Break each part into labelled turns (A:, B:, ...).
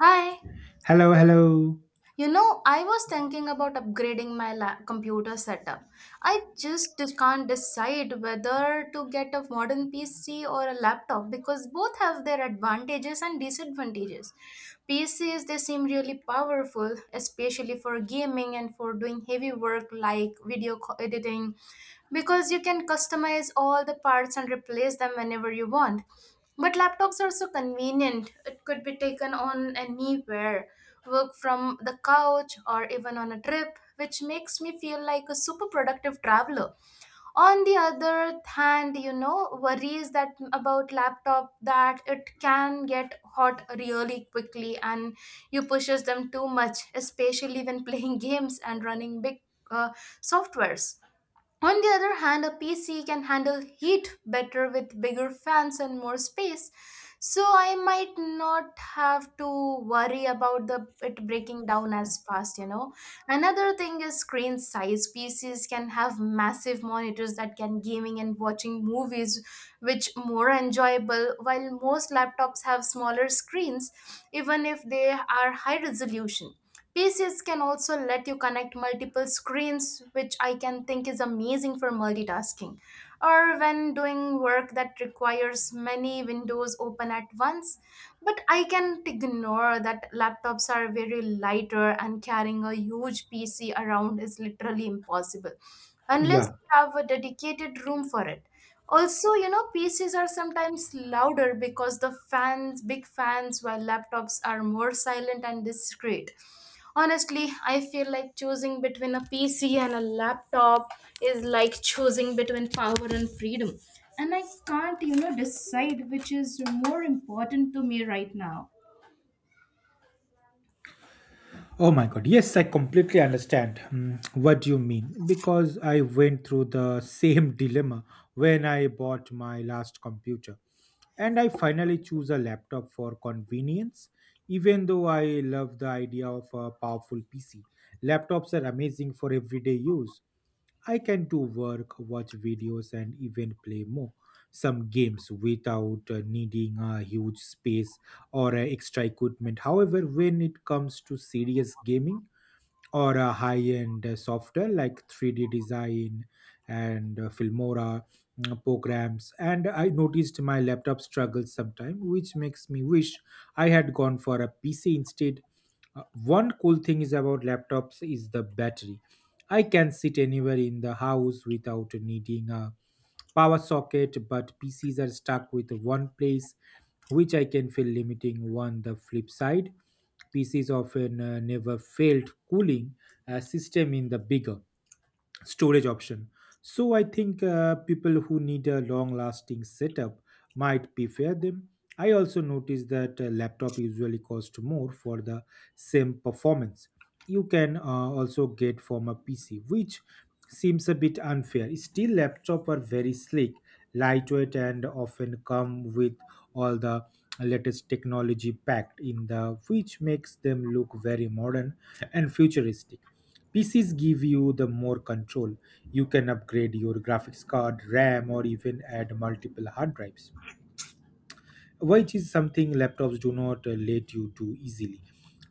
A: Hi.
B: Hello, hello.
A: You know, I was thinking about upgrading my computer setup. I just can't decide whether to get a modern PC or a laptop because both have their advantages and disadvantages. PCs, they seem really powerful, especially for gaming and for doing heavy work like video editing because you can customize all the parts and replace them whenever you want. But laptops are so convenient. It could be taken on anywhere, work from the couch or even on a trip, which makes me feel like a super productive traveler. On the other hand, you know, worries that about laptop that it can get hot really quickly and you pushes them too much, especially when playing games and running big uh, softwares. On the other hand, a PC can handle heat better with bigger fans and more space, so I might not have to worry about the it breaking down as fast, you know. Another thing is screen size. PCs can have massive monitors that can gaming and watching movies which more enjoyable, while most laptops have smaller screens even if they are high resolution. PCs can also let you connect multiple screens, which I can think is amazing for multitasking or when doing work that requires many windows open at once. But I can't ignore that laptops are very lighter and carrying a huge PC around is literally impossible unless
B: Yeah.
A: you have a dedicated room for it. Also, you know, PCs are sometimes louder because the fans, big fans, while laptops are more silent and discreet. Honestly, I feel like choosing between a PC and a laptop is like choosing between power and freedom. And I can't, you know, decide which is more important to me right now.
B: Oh my god. Yes, I completely understand what you mean because I went through the same dilemma when I bought my last computer. And I finally choose a laptop for convenience, even though I love the idea of a powerful PC. Laptops are amazing for everyday use, I can do work, watch videos, and even play more some games without needing a huge space or extra equipment. However, when it comes to serious gaming, or a high-end software like 3D design and Filmora programs. And I noticed my laptop struggles sometimes, which makes me wish I had gone for a PC instead. One cool thing is about laptops is the battery. I can sit anywhere in the house without needing a power socket, but PCs are stuck with one place which I can feel limiting. On the flip side, PCs often never failed cooling system in the bigger storage option. So I think people who need a long lasting setup might prefer them. I also noticed that a laptop usually cost more for the same performance. You can also get from a PC, which seems a bit unfair. Still, laptops are very sleek, lightweight, and often come with all the latest technology packed in the, which makes them look very modern and futuristic. PCs give you the more control. You can upgrade your graphics card, RAM, or even add multiple hard drives, which is something laptops do not let you do easily.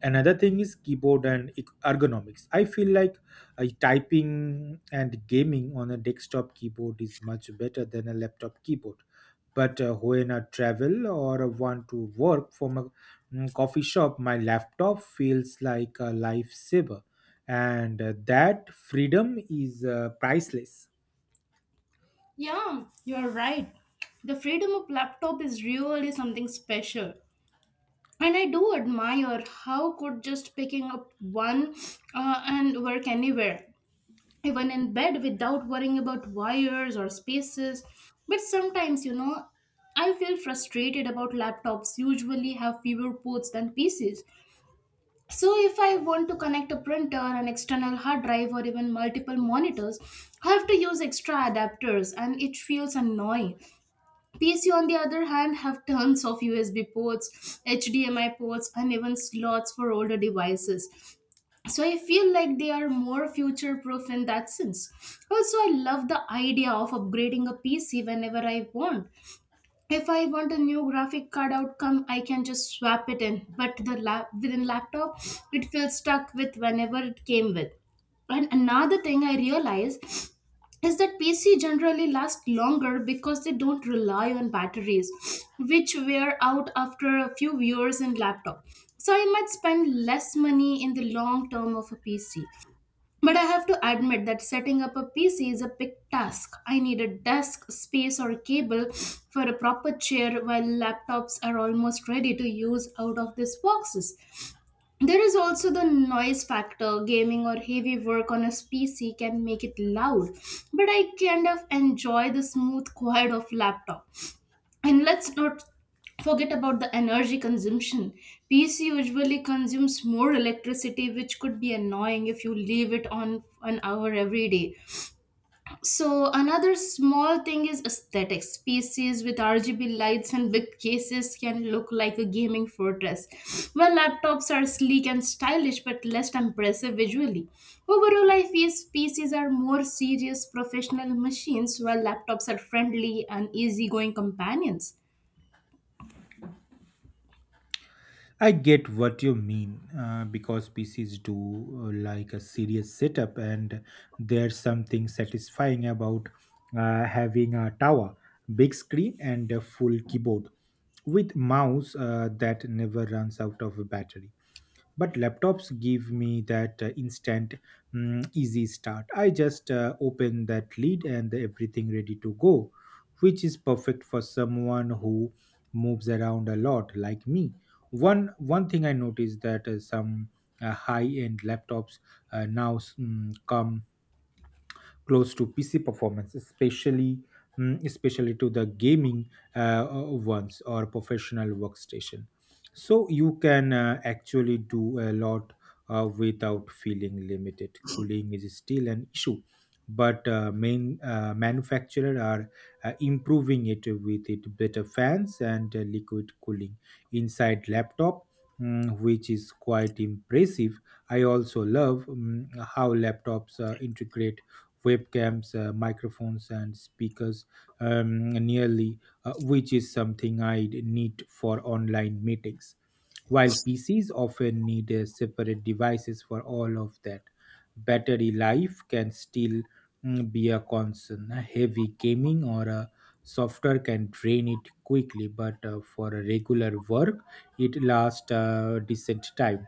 B: Another thing is keyboard and ergonomics. I feel like typing and gaming on a desktop keyboard is much better than a laptop keyboard, but when I travel or want to work from a coffee shop, my laptop feels like a lifesaver, and that freedom is priceless.
A: Yeah, you're right. The freedom of laptop is really something special. And I do admire how could just picking up one and work anywhere, even in bed without worrying about wires or spaces. But sometimes, you know, I feel frustrated about laptops usually have fewer ports than PCs. So if I want to connect a printer, an external hard drive, or even multiple monitors, I have to use extra adapters and it feels annoying. PC on the other hand have tons of USB ports, HDMI ports, and even slots for older devices, so I feel like they are more future proof in that sense. Also, I love the idea of upgrading a PC whenever I want. If I want a new graphic card outcome, I can just swap it in. But the lap within laptop, it feels stuck with whenever it came with. And another thing I realized is that PC generally last longer because they don't rely on batteries, which wear out after a few years in laptop. So I might spend less money in the long term of a PC. But I have to admit that setting up a PC is a big task. I need a desk, space, or a cable for a proper chair, while laptops are almost ready to use out of these boxes. There is also the noise factor. Gaming or heavy work on a PC can make it loud, but I kind of enjoy the smooth quiet of laptop. And let's not forget about the energy consumption. PC usually consumes more electricity, which could be annoying if you leave it on an hour every day. So another small thing is aesthetics. PCs with RGB lights and big cases can look like a gaming fortress, while laptops are sleek and stylish but less impressive visually. Overall, I feel PCs are more serious professional machines, while laptops are friendly and easygoing companions.
B: I get what you mean because PCs do like a serious setup, and there's something satisfying about having a tower, big screen, and a full keyboard with mouse that never runs out of battery. But laptops give me that instant, easy start. I just open that lid and everything ready to go, which is perfect for someone who moves around a lot like me. One thing I noticed that some high end laptops now come close to PC performance, especially to the gaming ones or professional workstation. So you can actually do a lot without feeling limited. Cooling is still an issue, but main manufacturer are improving it with it better fans and liquid cooling inside laptop, which is quite impressive. I also love how laptops integrate webcams, microphones, and speakers nearly, which is something I need for online meetings. While PCs often need separate devices for all of that, battery life can still be a concern. Heavy gaming or software can drain it quickly, but for regular work, it lasts a decent time.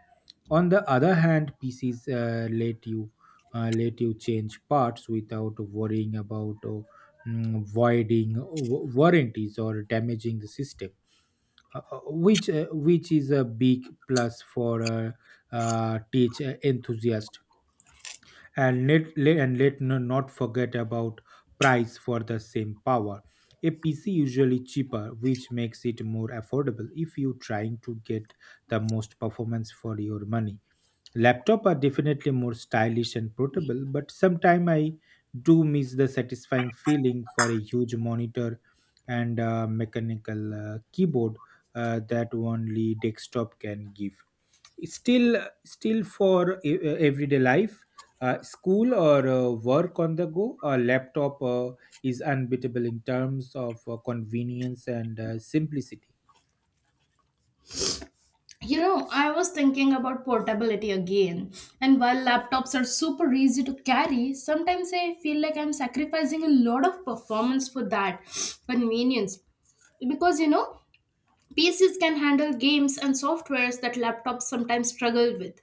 B: On the other hand, PCs let you change parts without worrying about voiding warranties or damaging the system, which is a big plus for a teach enthusiast. And let not forget about price. For the same power a PC usually cheaper, which makes it more affordable if you trying to get the most performance for your money. Laptop are definitely more stylish and portable, but sometimes I do miss the satisfying feeling for a huge monitor and a mechanical keyboard that only desktop can give. Still, for everyday life, school or work on the go, a laptop is unbeatable in terms of convenience and simplicity.
A: You know, I was thinking about portability again, and while laptops are super easy to carry, sometimes I feel like I'm sacrificing a lot of performance for that convenience. Because, you know, PCs can handle games and softwares that laptops sometimes struggle with.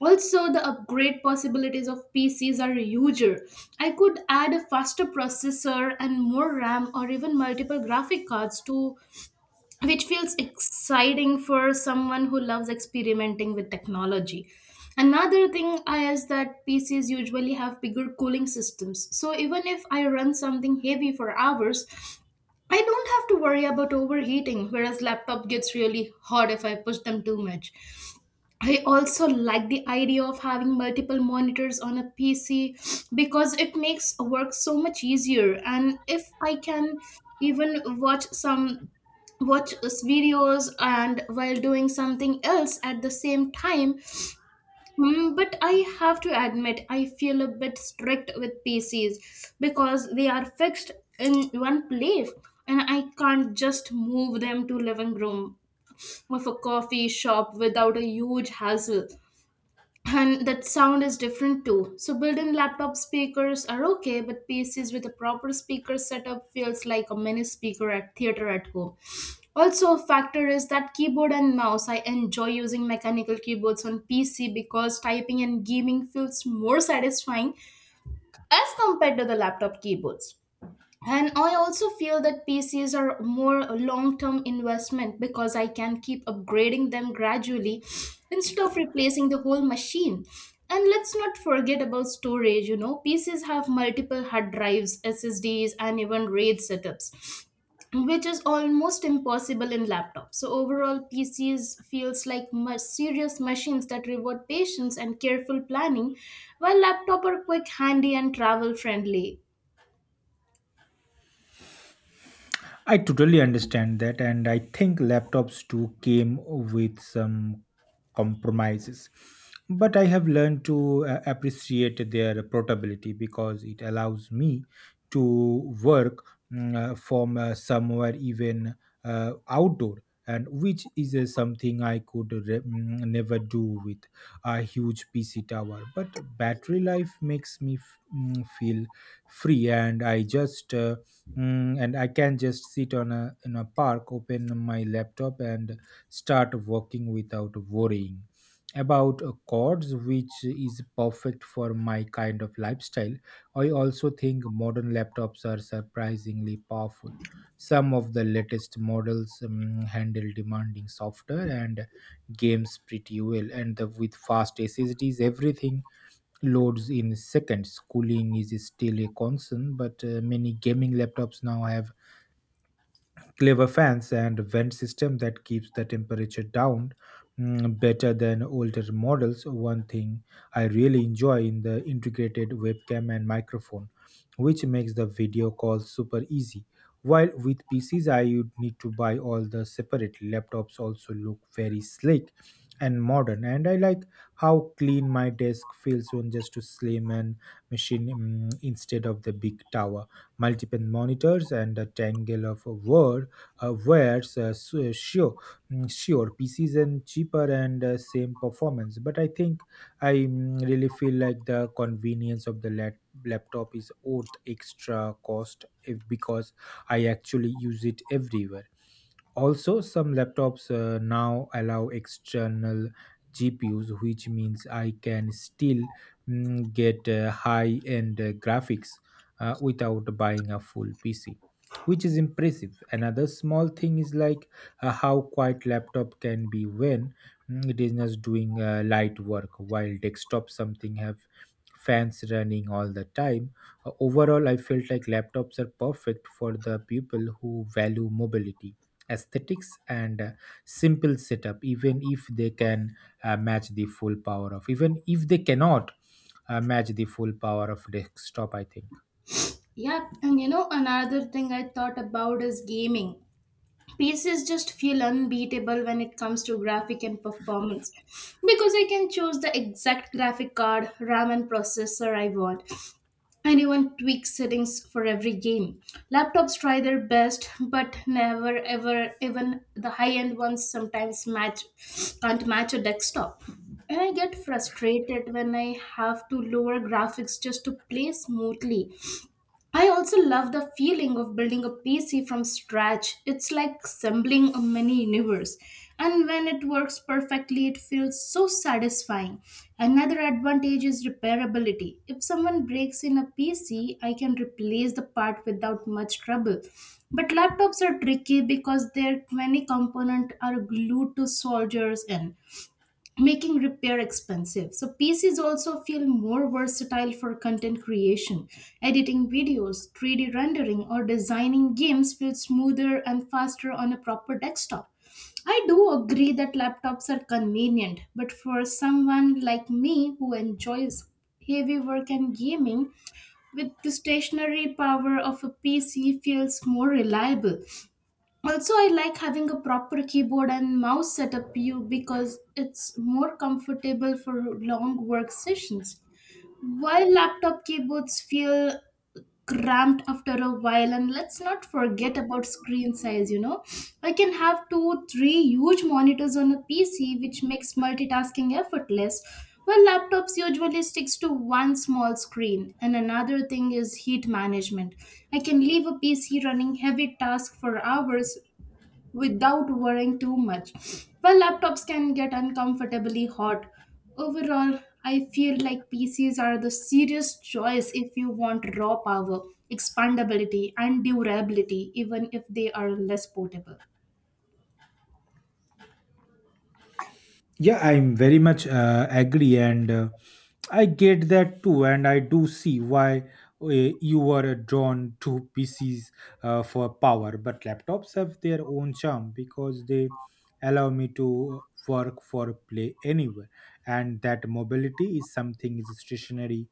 A: Also, the upgrade possibilities of PCs are huger. I could add a faster processor and more RAM or even multiple graphic cards to, which feels exciting for someone who loves experimenting with technology. Another thing I is that PCs usually have bigger cooling systems. So even if I run something heavy for hours, I don't have to worry about overheating, whereas laptop gets really hot if I push them too much. I also like the idea of having multiple monitors on a PC because it makes work so much easier. And if I can even watch some videos and while doing something else at the same time. But I have to admit I feel a bit strict with PCs because they are fixed in one place, and I can't just move them to living room of a coffee shop without a huge hassle. And that sound is different too. So built-in laptop speakers are okay, but PCs with a proper speaker setup feels like a mini speaker at theater at home. Also, a factor is that keyboard and mouse. I enjoy using mechanical keyboards on PC because typing and gaming feels more satisfying as compared to the laptop keyboards. And I also feel that PCs are more a long-term investment because I can keep upgrading them gradually instead of replacing the whole machine. And let's not forget about storage. You know, PCs have multiple hard drives, SSDs, and even raid setups, which is almost impossible in laptops. So overall, PCs feels like much serious machines that reward patience and careful planning, while laptop are quick, handy, and travel friendly.
B: I totally understand that, and I think laptops too came with some compromises. But I have learned to appreciate their portability because it allows me to work from somewhere even outdoor, and which is something I could never do with a huge PC tower. But battery life makes me feel free, and I can just sit on a in a park, open my laptop, and start working without worrying about chords, which is perfect for my kind of lifestyle. I also think modern laptops are surprisingly powerful. Some of the latest models handle demanding software and games pretty well, and with fast SSDs, everything loads in seconds. Cooling is still a concern, but many gaming laptops now have clever fans and vent system that keeps the temperature down, better than older models. One thing I really enjoy in the integrated webcam and microphone, which makes the video call super easy, while with PCs I would need to buy all the separate. Laptops also look very slick and modern, and I like how clean my desk feels when just to slim and machine, instead of the big tower, multiple monitors, and a tangle of words. Where sure, sure PC is in cheaper and same performance, but I think I really feel like the convenience of the laptop is worth extra cost if because I actually use it everywhere. Also, some laptops now allow external GPUs, which means I can still get high end graphics without buying a full PC, which is impressive. Another small thing is like how quiet laptop can be when it is just doing light work, while desktop something have fans running all the time. Overall, I felt like laptops are perfect for the people who value mobility aesthetics and simple setup, even if they can match the full power of even if they cannot match the full power of desktop, I think.
A: Yep, and you know, another thing I thought about is gaming. PCs just feel unbeatable when it comes to graphic and performance because I can choose the exact graphic card, RAM, and processor I want, and even tweak settings for every game. Laptops try their best, but never ever, even the high end ones sometimes match can't match a desktop. And I get frustrated when I have to lower graphics just to play smoothly. I also love the feeling of building a PC from scratch. It's like assembling a mini universe. And when it works perfectly, it feels so satisfying. Another advantage is repairability. If someone breaks in a PC, I can replace the part without much trouble. But laptops are tricky because their many components are glued to soldiers in, making repair expensive. So PCs also feel more versatile for content creation. Editing videos, 3D rendering, or designing games feels smoother and faster on a proper desktop. I do agree that laptops are convenient, but for someone like me who enjoys heavy work and gaming, with the stationary power of a PC feels more reliable. Also, I like having a proper keyboard and mouse setup you because it's more comfortable for long work sessions, while laptop keyboards feel cramped after a while. And let's not forget about screen size. You know, I can have two three huge monitors on a PC, which makes multitasking effortless, while laptops usually sticks to one small screen. And another thing is heat management. I can leave a PC running heavy tasks for hours without worrying too much. While laptops can get uncomfortably hot, overall, I feel like PCs are the serious choice if you want raw power, expandability, and durability, even if they are less portable.
B: Yeah, I'm very much agree, and I get that too, and I do see why you were drawn to PCs for power. But laptops have their own charm because they allow me to work for play anywhere, and that mobility is something is stationary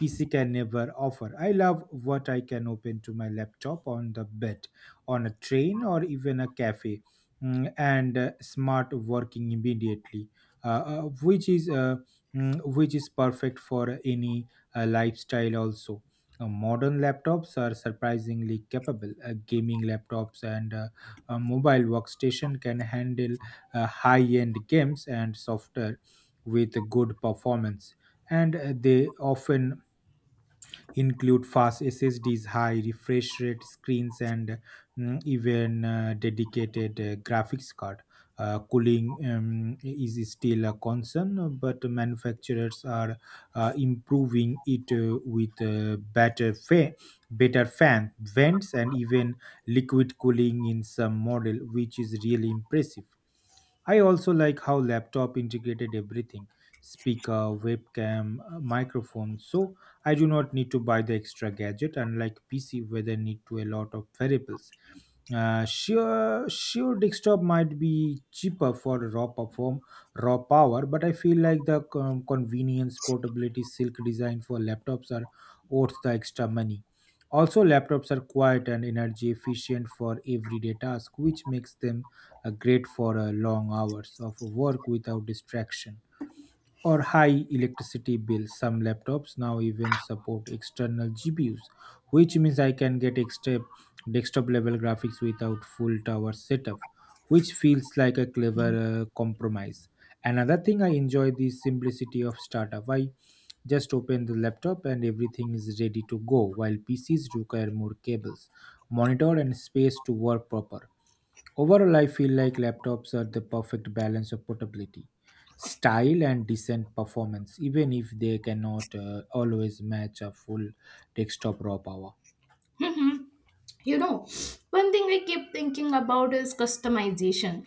B: PC can never offer. I love what I can open to my laptop on the bed, on a train, or even a cafe, and smart working immediately, uh, uh, which is which is perfect for any lifestyle also. Modern laptops are surprisingly capable. Gaming laptops and a mobile workstation can handle high-end games and software with good performance, and they often include fast SSDs, high refresh rate screens, and even dedicated graphics card. Cooling is still a concern, but manufacturers are improving it with better fan vents and even liquid cooling in some model, which is really impressive. I also like how laptop integrated everything, speaker, webcam, microphone, so I do not need to buy the extra gadget, unlike PC where they need to a lot of variables. Sure, desktop might be cheaper for raw power, but I feel like the convenience, portability, silk design for laptops are worth the extra money. Also, laptops are quiet and energy efficient for everyday task, which makes them great for long hours of work without distraction or high electricity bills. Some laptops now even support external GPUs, which means I can get extra desktop level graphics without full tower setup, which feels like a clever compromise. Another thing I enjoy the simplicity of startup. I just open the laptop and everything is ready to go, while PCs require more cables, monitor, and space to work proper. Overall, I feel like laptops are the perfect balance of portability, style, and decent performance, even if they cannot always match a full desktop raw power.
A: Mhm. You know, one thing I keep thinking about is customization.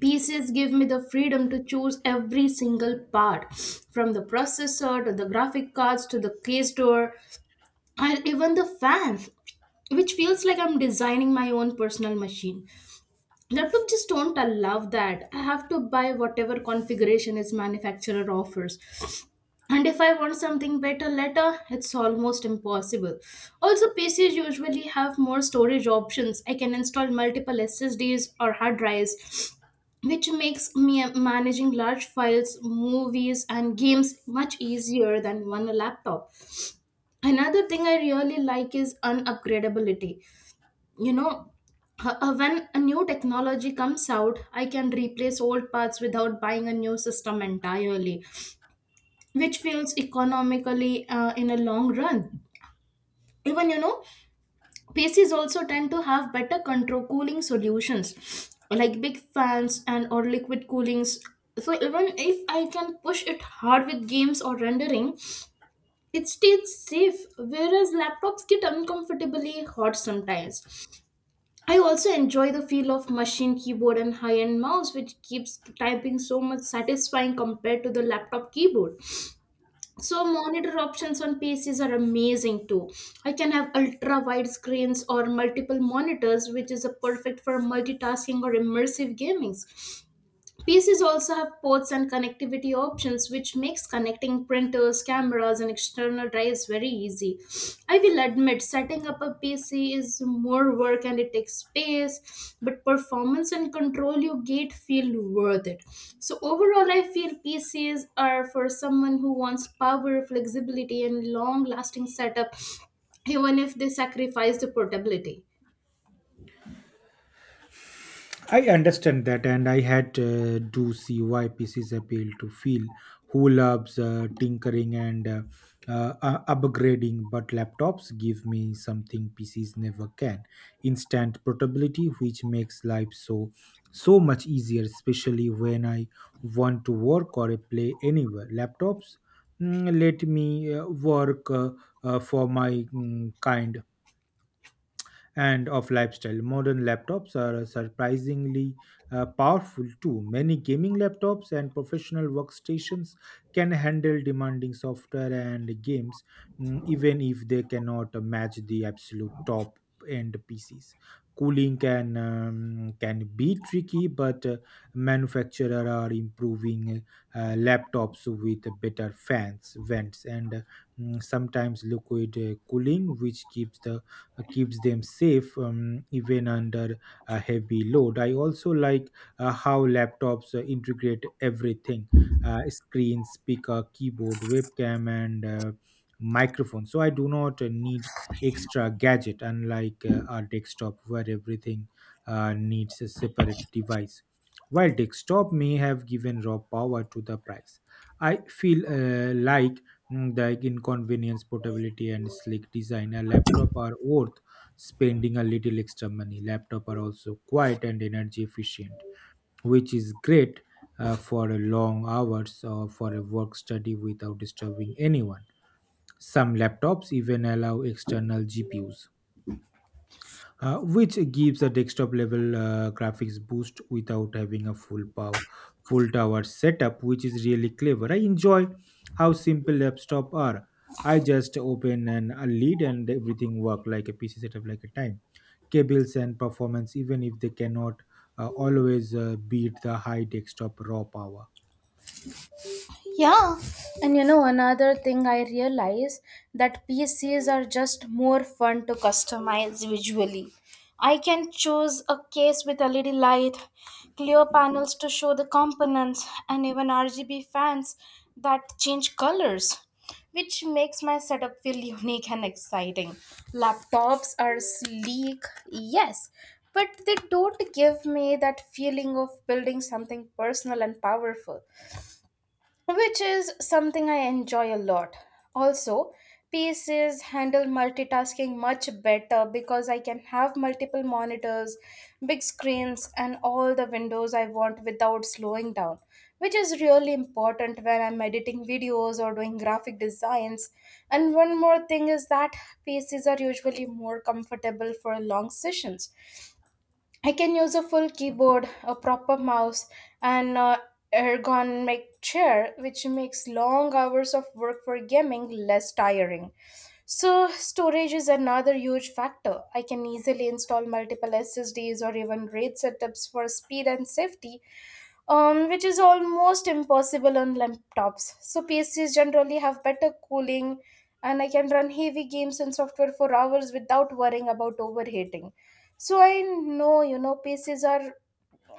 A: PCs give me the freedom to choose every single part from the processor to the graphic cards to the case door and even the fans, which feels like I'm designing my own personal machine. Laptop just don't allow that. I have to buy whatever configuration its manufacturer offers. And if I want something better later, it's almost impossible. Also, PCs usually have more storage options. I can install multiple SSDs or hard drives, which makes me managing large files, movies, and games much easier than one laptop. Another thing I really like is unupgradability, you know. When a new technology comes out, I can replace old parts without buying a new system entirely, which feels economically in a long run. Even, you know, PCs also tend to have better control cooling solutions like big fans and or liquid coolings. So even if I can push it hard with games or rendering, it stays safe, whereas laptops get uncomfortably hot sometimes. I also enjoy the feel of machine keyboard and high-end mouse, which keeps typing so much satisfying compared to the laptop keyboard. So monitor options on PCs are amazing too. I can have ultra-wide screens or multiple monitors, which is a perfect for multitasking or immersive gaming. PCs also have ports and connectivity options, which makes connecting printers, cameras, and external drives very easy. I will admit, setting up a PC is more work and it takes space, but performance and control you get feel worth it. So, overall, I feel PCs are for someone who wants power, flexibility, and long lasting setup, even if they sacrifice the portability.
B: I understand that, and I had do see why PC's appeal to feel who loves tinkering and upgrading, but laptops give me something PCs never can: instant portability, which makes life so much easier, especially when I want to work or play anywhere. Laptops let me work for my kind and of lifestyle. Modern laptops are surprisingly powerful too. Many gaming laptops and professional workstations can handle demanding software and games, even if they cannot match the absolute top end PCs. Cooling can be tricky, but manufacturer are improving laptops with better fans, vents, and sometimes liquid cooling, which keeps them safe even under a heavy load. I also like how laptops integrate everything, screen, speaker, keyboard, webcam, and microphone. So I do not need extra gadget, unlike our desktop where everything needs a separate device. While desktop may have given raw power to the price, I feel like inconvenience, portability, and sleek design, a laptop are worth spending a little extra money. Laptop are also quiet and energy efficient, which is great for a long hours or for a work study without disturbing anyone. Some laptops even allow external GPUs which gives a desktop level graphics boost without having a full tower setup, which is really clever. I enjoy how simple laptops are. I just open a lead and everything work like a pc setup, like a time, cables and performance, even if they cannot always beat the high desktop raw power.
A: Yeah. Another thing I realize that PCs are just more fun to customize visually. I can choose a case with LED light, clear panels to show the components, and even RGB fans that change colors, which makes my setup feel unique and exciting. Laptops are sleek, yes, but they don't give me that feeling of building something personal and powerful, which is something I enjoy a lot. Also, PCs handle multitasking much better because I can have multiple monitors, big screens, and all the windows I want without slowing down, which is really important when I'm editing videos or doing graphic designs. And one more thing is that PCs are usually more comfortable for long sessions. I can use a full keyboard, a proper mouse, and a ergonomic chair, which makes long hours of work for gaming less tiring. So, storage is another huge factor. I can easily install multiple SSDs or even RAID setups for speed and safety, which is almost impossible on laptops. So PCs generally have better cooling, and I can run heavy games and software for hours without worrying about overheating. So I know PCs are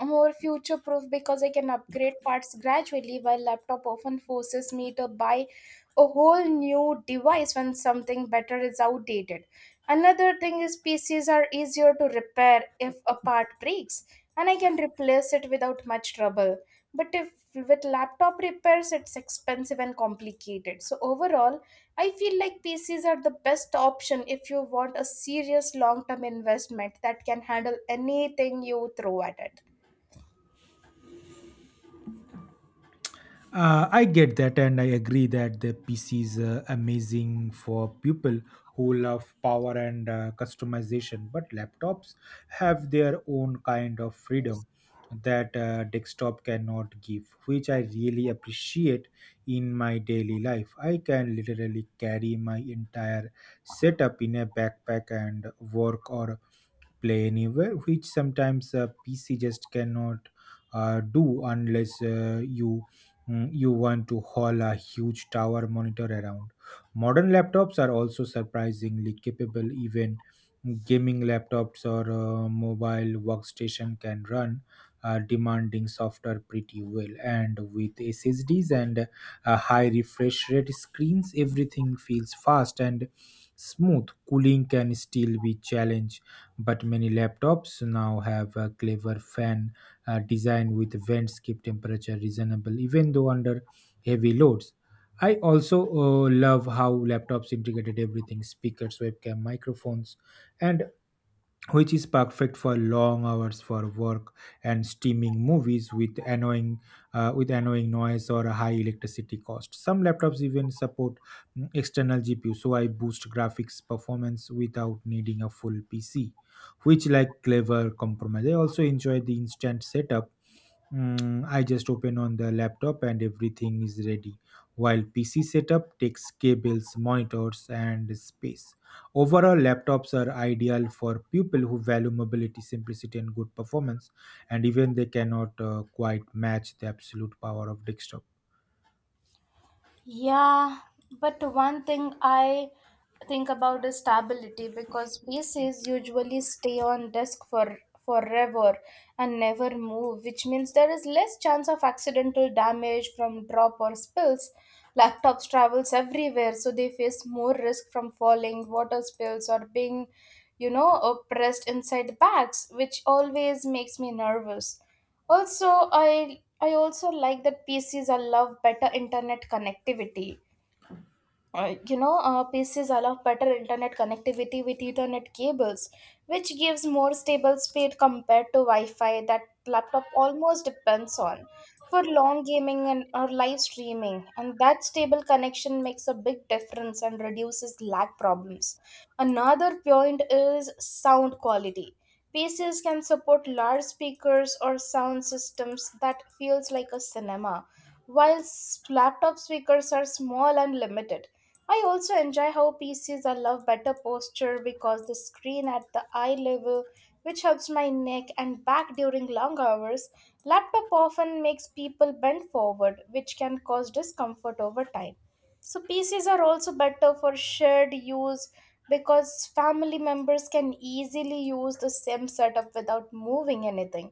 A: more future proof because I can upgrade parts gradually while laptop often forces me to buy a whole new device when something better is outdated. Another thing is PCs are easier to repair if a part breaks and I can replace it without much trouble. But if with laptop repairs it's expensive and complicated. So overall, I feel like PCs are the best option if you want a serious long-term investment that can handle anything you throw at it.
B: I get that, and I agree that the PC is amazing for people who love power and customization. But laptops have their own kind of freedom that desktop cannot give, which I really appreciate in my daily life. I can literally carry my entire setup in a backpack and work or play anywhere, which sometimes a PC just cannot do unless you you want to haul a huge tower monitor around. Modern laptops are also surprisingly capable. Even gaming laptops or mobile workstation can run demanding software pretty well, and with SSDs and high refresh rate screens, everything feels fast and smooth. Cooling can still be challenge, but many laptops now have a clever fan design with vents keep temperature reasonable even though under heavy loads. I also love how laptops integrated everything: speakers, webcam, microphones, and which is perfect for long hours for work and streaming movies with annoying noise or a high electricity cost. Some laptops even support external GPU, so I boost graphics performance without needing a full PC, which like clever compromise. I also enjoy the instant setup. I just open on the laptop and everything is ready. While PC setup takes cables, monitors, and space. Overall, laptops are ideal for people who value mobility, simplicity, and good performance, and even they cannot quite match the absolute power of desktop.
A: Yeah, but one thing I think about is stability because PCs usually stay on disk for forever and never move, which means there is less chance of accidental damage from drop or spills. Laptops travels everywhere, so they face more risk from falling, water spills, or being, oppressed inside bags, which always makes me nervous. Also, I also like that PCs allow better internet connectivity. PCs allow better internet connectivity with Ethernet cables, which gives more stable speed compared to Wi-Fi that laptop almost depends on for long gaming and or live streaming. And that stable connection makes a big difference and reduces lag problems. Another point is sound quality. PCs can support large speakers or sound systems that feels like a cinema, while laptop speakers are small and limited. I also enjoy how PCs allow better posture because the screen at the eye level, which helps my neck and back during long hours. Laptop often makes people bend forward, which can cause discomfort over time. So PCs are also better for shared use because family members can easily use the same setup without moving anything.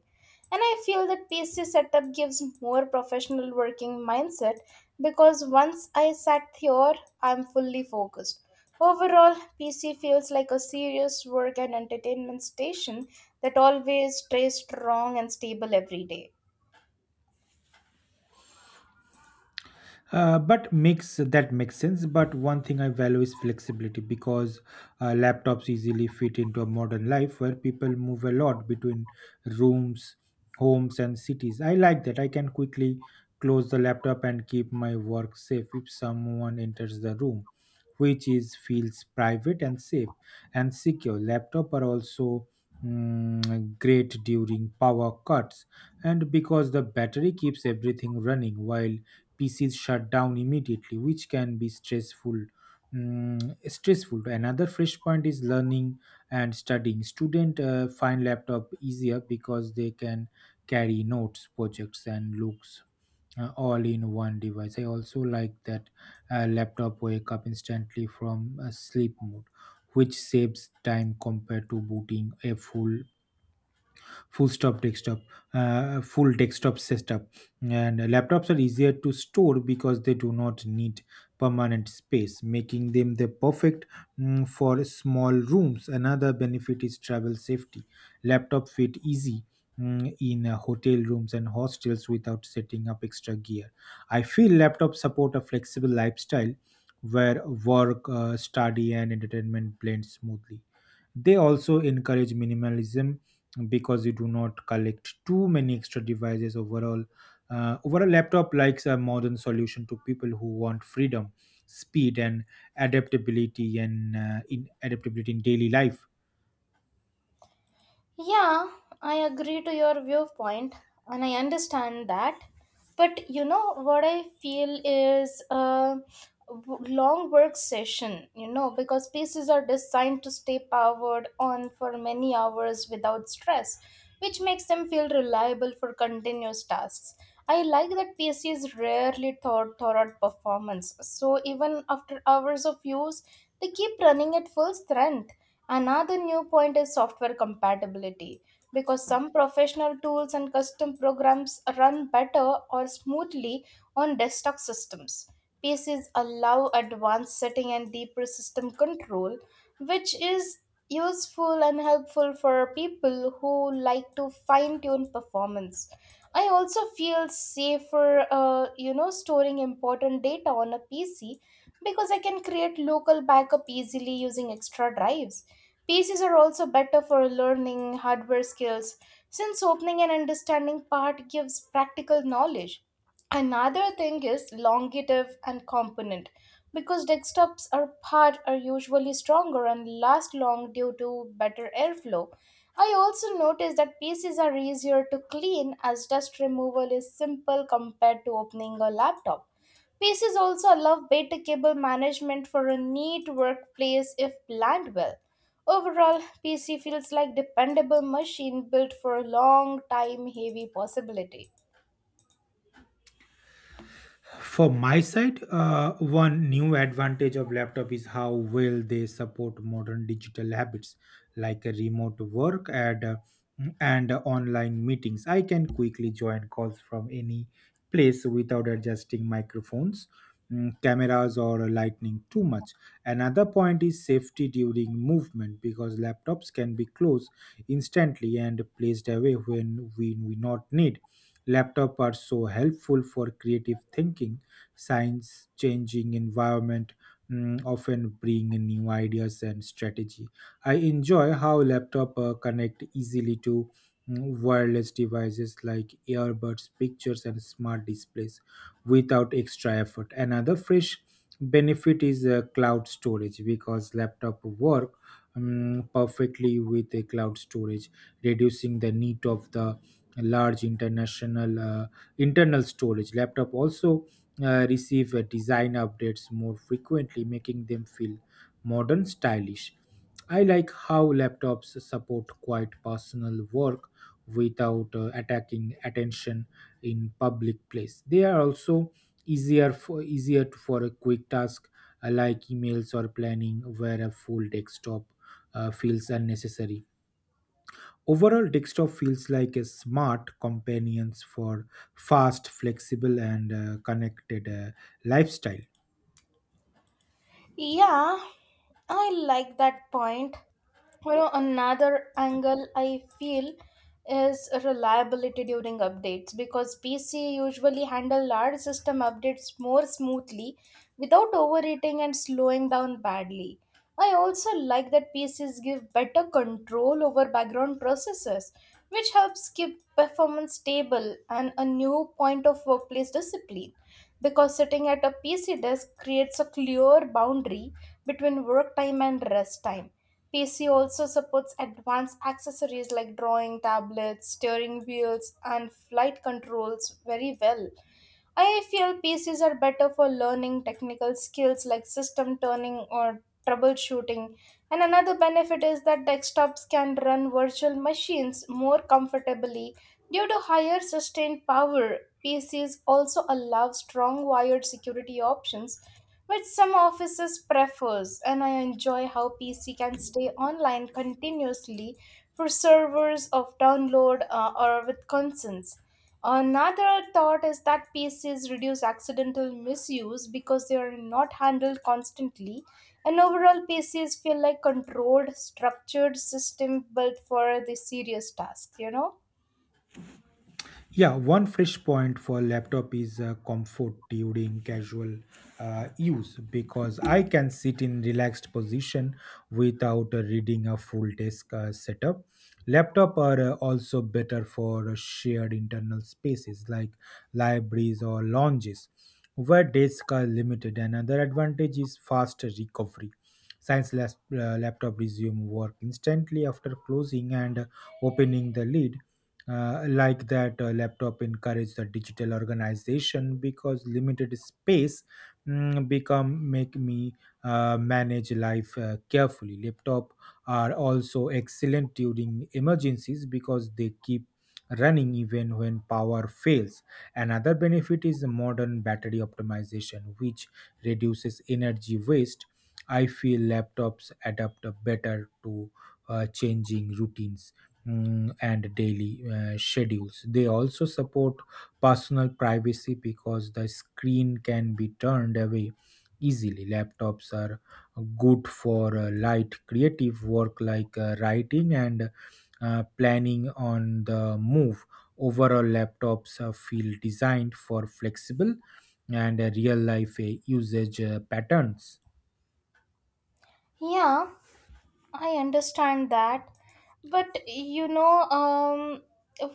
A: And I feel that PC setup gives more professional working mindset because once I sat here, I'm fully focused. Overall, PC feels like a serious work and entertainment station that always stays strong and stable every day.
B: But makes that makes sense. But one thing I value is flexibility, because laptops easily fit into a modern life where people move a lot between rooms, homes, and cities. I like that I can quickly close the laptop and keep my work safe if someone enters the room, which is feels private and safe and secure. Laptop are also great during power cuts and because the battery keeps everything running while PCs shut down immediately, which can be stressful. Another fresh point is learning and studying. Student find laptop easier because they can carry notes, projects, and looks all in one device. I also like that laptop wake up instantly from a sleep mode, which saves time compared to booting a full stop desktop full desktop setup. And laptops are easier to store because they do not need permanent space, making them the perfect for small rooms. Another benefit is travel safety. Laptop fit easy in hotel rooms and hostels without setting up extra gear. I feel laptops support a flexible lifestyle where work, study and entertainment blend smoothly. They also encourage minimalism, because you do not collect too many extra devices overall. Overall, laptop likes a modern solution to people who want freedom, speed, and adaptability and in adaptability in daily life.
A: Yeah, I agree to your viewpoint and I understand that. But what I feel is a long work session, because pieces are designed to stay powered on for many hours without stress, which makes them feel reliable for continuous tasks. I like that PCs rarely thought thorough performance, so even after hours of use, they keep running at full strength. Another new point is software compatibility because some professional tools and custom programs run better or smoothly on desktop systems. PCs allow advanced setting and deeper system control, which is useful and helpful for people who like to fine tune performance. I also feel safer, storing important data on a PC because I can create local backup easily using extra drives. PCs are also better for learning hardware skills since opening and understanding part gives practical knowledge. Another thing is longative and component because desktops are part are usually stronger and last long due to better airflow. I also noticed that PCs are easier to clean as dust removal is simple compared to opening a laptop. Pace is also allow better cable management for a neat workplace if planned well. Overall, PC feels like dependable machine built for a long time heavy possibility.
B: For my side, one new advantage of laptop is how well they support modern digital habits like a remote work and online meetings. I can quickly join calls from any place without adjusting microphones, cameras, or lighting too much. Another point is safety during movement, because laptops can be closed instantly and placed away when we not need. Laptops are so helpful for creative thinking. Science changing environment often bring in new ideas and strategy. I enjoy how laptop connect easily to wireless devices like earbuds, pictures, and smart displays without extra effort. Another fresh benefit is cloud storage, because laptop work perfectly with a cloud storage, reducing the need of the large international internal storage. Laptop also receive design updates more frequently, making them feel modern stylish. I like how laptops support quiet, personal work without attacking attention in public place. They are also easier for easier to- for a quick task like emails or planning, where a full desktop feels unnecessary. Overall, desktop feels like a smart companions for fast, flexible, and connected lifestyle.
A: Yeah, I like that point. Another angle I feel is reliability during updates because PC usually handle large system updates more smoothly without overheating and slowing down badly. I also like that PCs give better control over background processes, which helps keep performance stable and a new point of workplace discipline because sitting at a PC desk creates a clear boundary between work time and rest time. PC also supports advanced accessories like drawing tablets, steering wheels, and flight controls very well. I feel PCs are better for learning technical skills like system turning or troubleshooting. And another benefit is that desktops can run virtual machines more comfortably due to higher sustained power. PCs also allow strong wired security options, which some offices prefers, and I enjoy how PC can stay online continuously for servers of download or with consents. Another thought is that PCs reduce accidental misuse because they are not handled constantly, and overall PCs feel like controlled, structured system built for the serious tasks.
B: Yeah, one fresh point for laptop is comfort during casual use, because I can sit in relaxed position without reading a full desk setup. Laptop are also better for shared internal spaces like libraries or lounges where desks are limited. Another advantage is faster recovery. Science lab, laptop resume work instantly after closing and opening the lid. Like that laptop encourage the digital organization, because limited space mm, become make me manage life carefully. Laptop are also excellent during emergencies, because they keep running even when power fails. Another benefit is modern battery optimization, which reduces energy waste. I feel laptops adapt better to changing routines and daily schedules. They also support personal privacy, because the screen can be turned away easily. Laptops are good for light creative work like writing and planning on the move. Overall, laptops feel designed for flexible and real life usage patterns.
A: Yeah, I understand that. But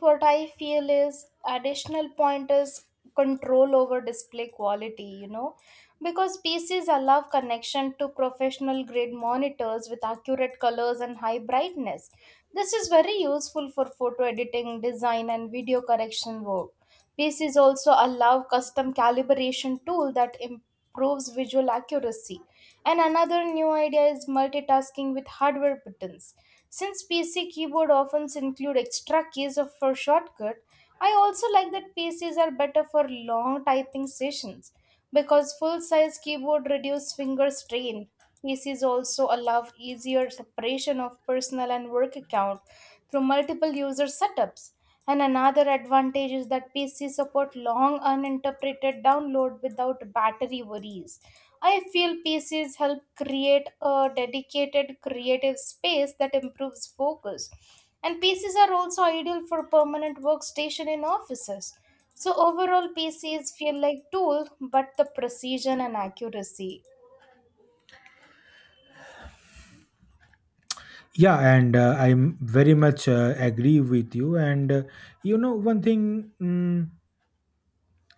A: what I feel is additional point is control over display quality, because PCs allow connection to professional grade monitors with accurate colors and high brightness. This is very useful for photo editing, design, and video correction work. Pace is also allow custom calibration tool that improves visual accuracy. And another new idea is multitasking with hardware buttons. Since PC keyboard often include extra keys for shortcut, I also like that PCs are better for long typing sessions because full-size keyboard reduce finger strain. PCs also allow easier separation of personal and work account through multiple user setups. And another advantage is that PCs support long uninterpreted download without battery worries. I feel PCs help create a dedicated creative space that improves focus. And PCs are also ideal for permanent workstation in offices. So overall, PCs feel like tool, but the precision and accuracy.
B: Yeah, and I'm very much agree with you. And you know, one thing mm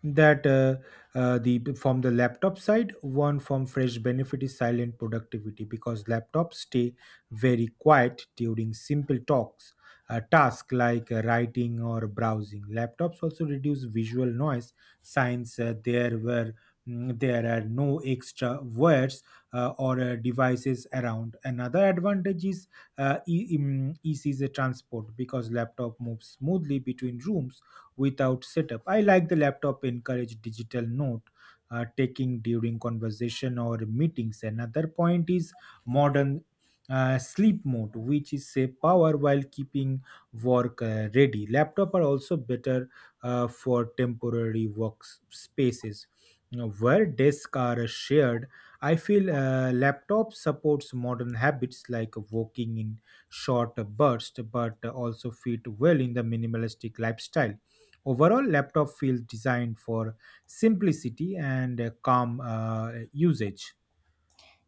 B: that the from the laptop side, one from fresh benefit is silent productivity, because laptops stay very quiet during simple talks task like writing or browsing. Laptops also reduce visual noise, since there are no extra wires or devices around. Another advantage is easy transport, because laptop moves smoothly between rooms without setup. I like the laptop encourage digital note taking during conversation or meetings. Another point is modern sleep mode, which is save power while keeping work ready. Laptop are also better for temporary work spaces know, where desks are shared. I feel laptop supports modern habits like working in short bursts, but also fit well in the minimalistic lifestyle. Overall, laptop feels designed for simplicity and calm usage.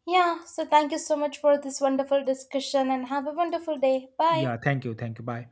A: Yeah, so thank you so much for this wonderful discussion and have a wonderful day. Bye.
B: Yeah, thank you. Thank you. Bye.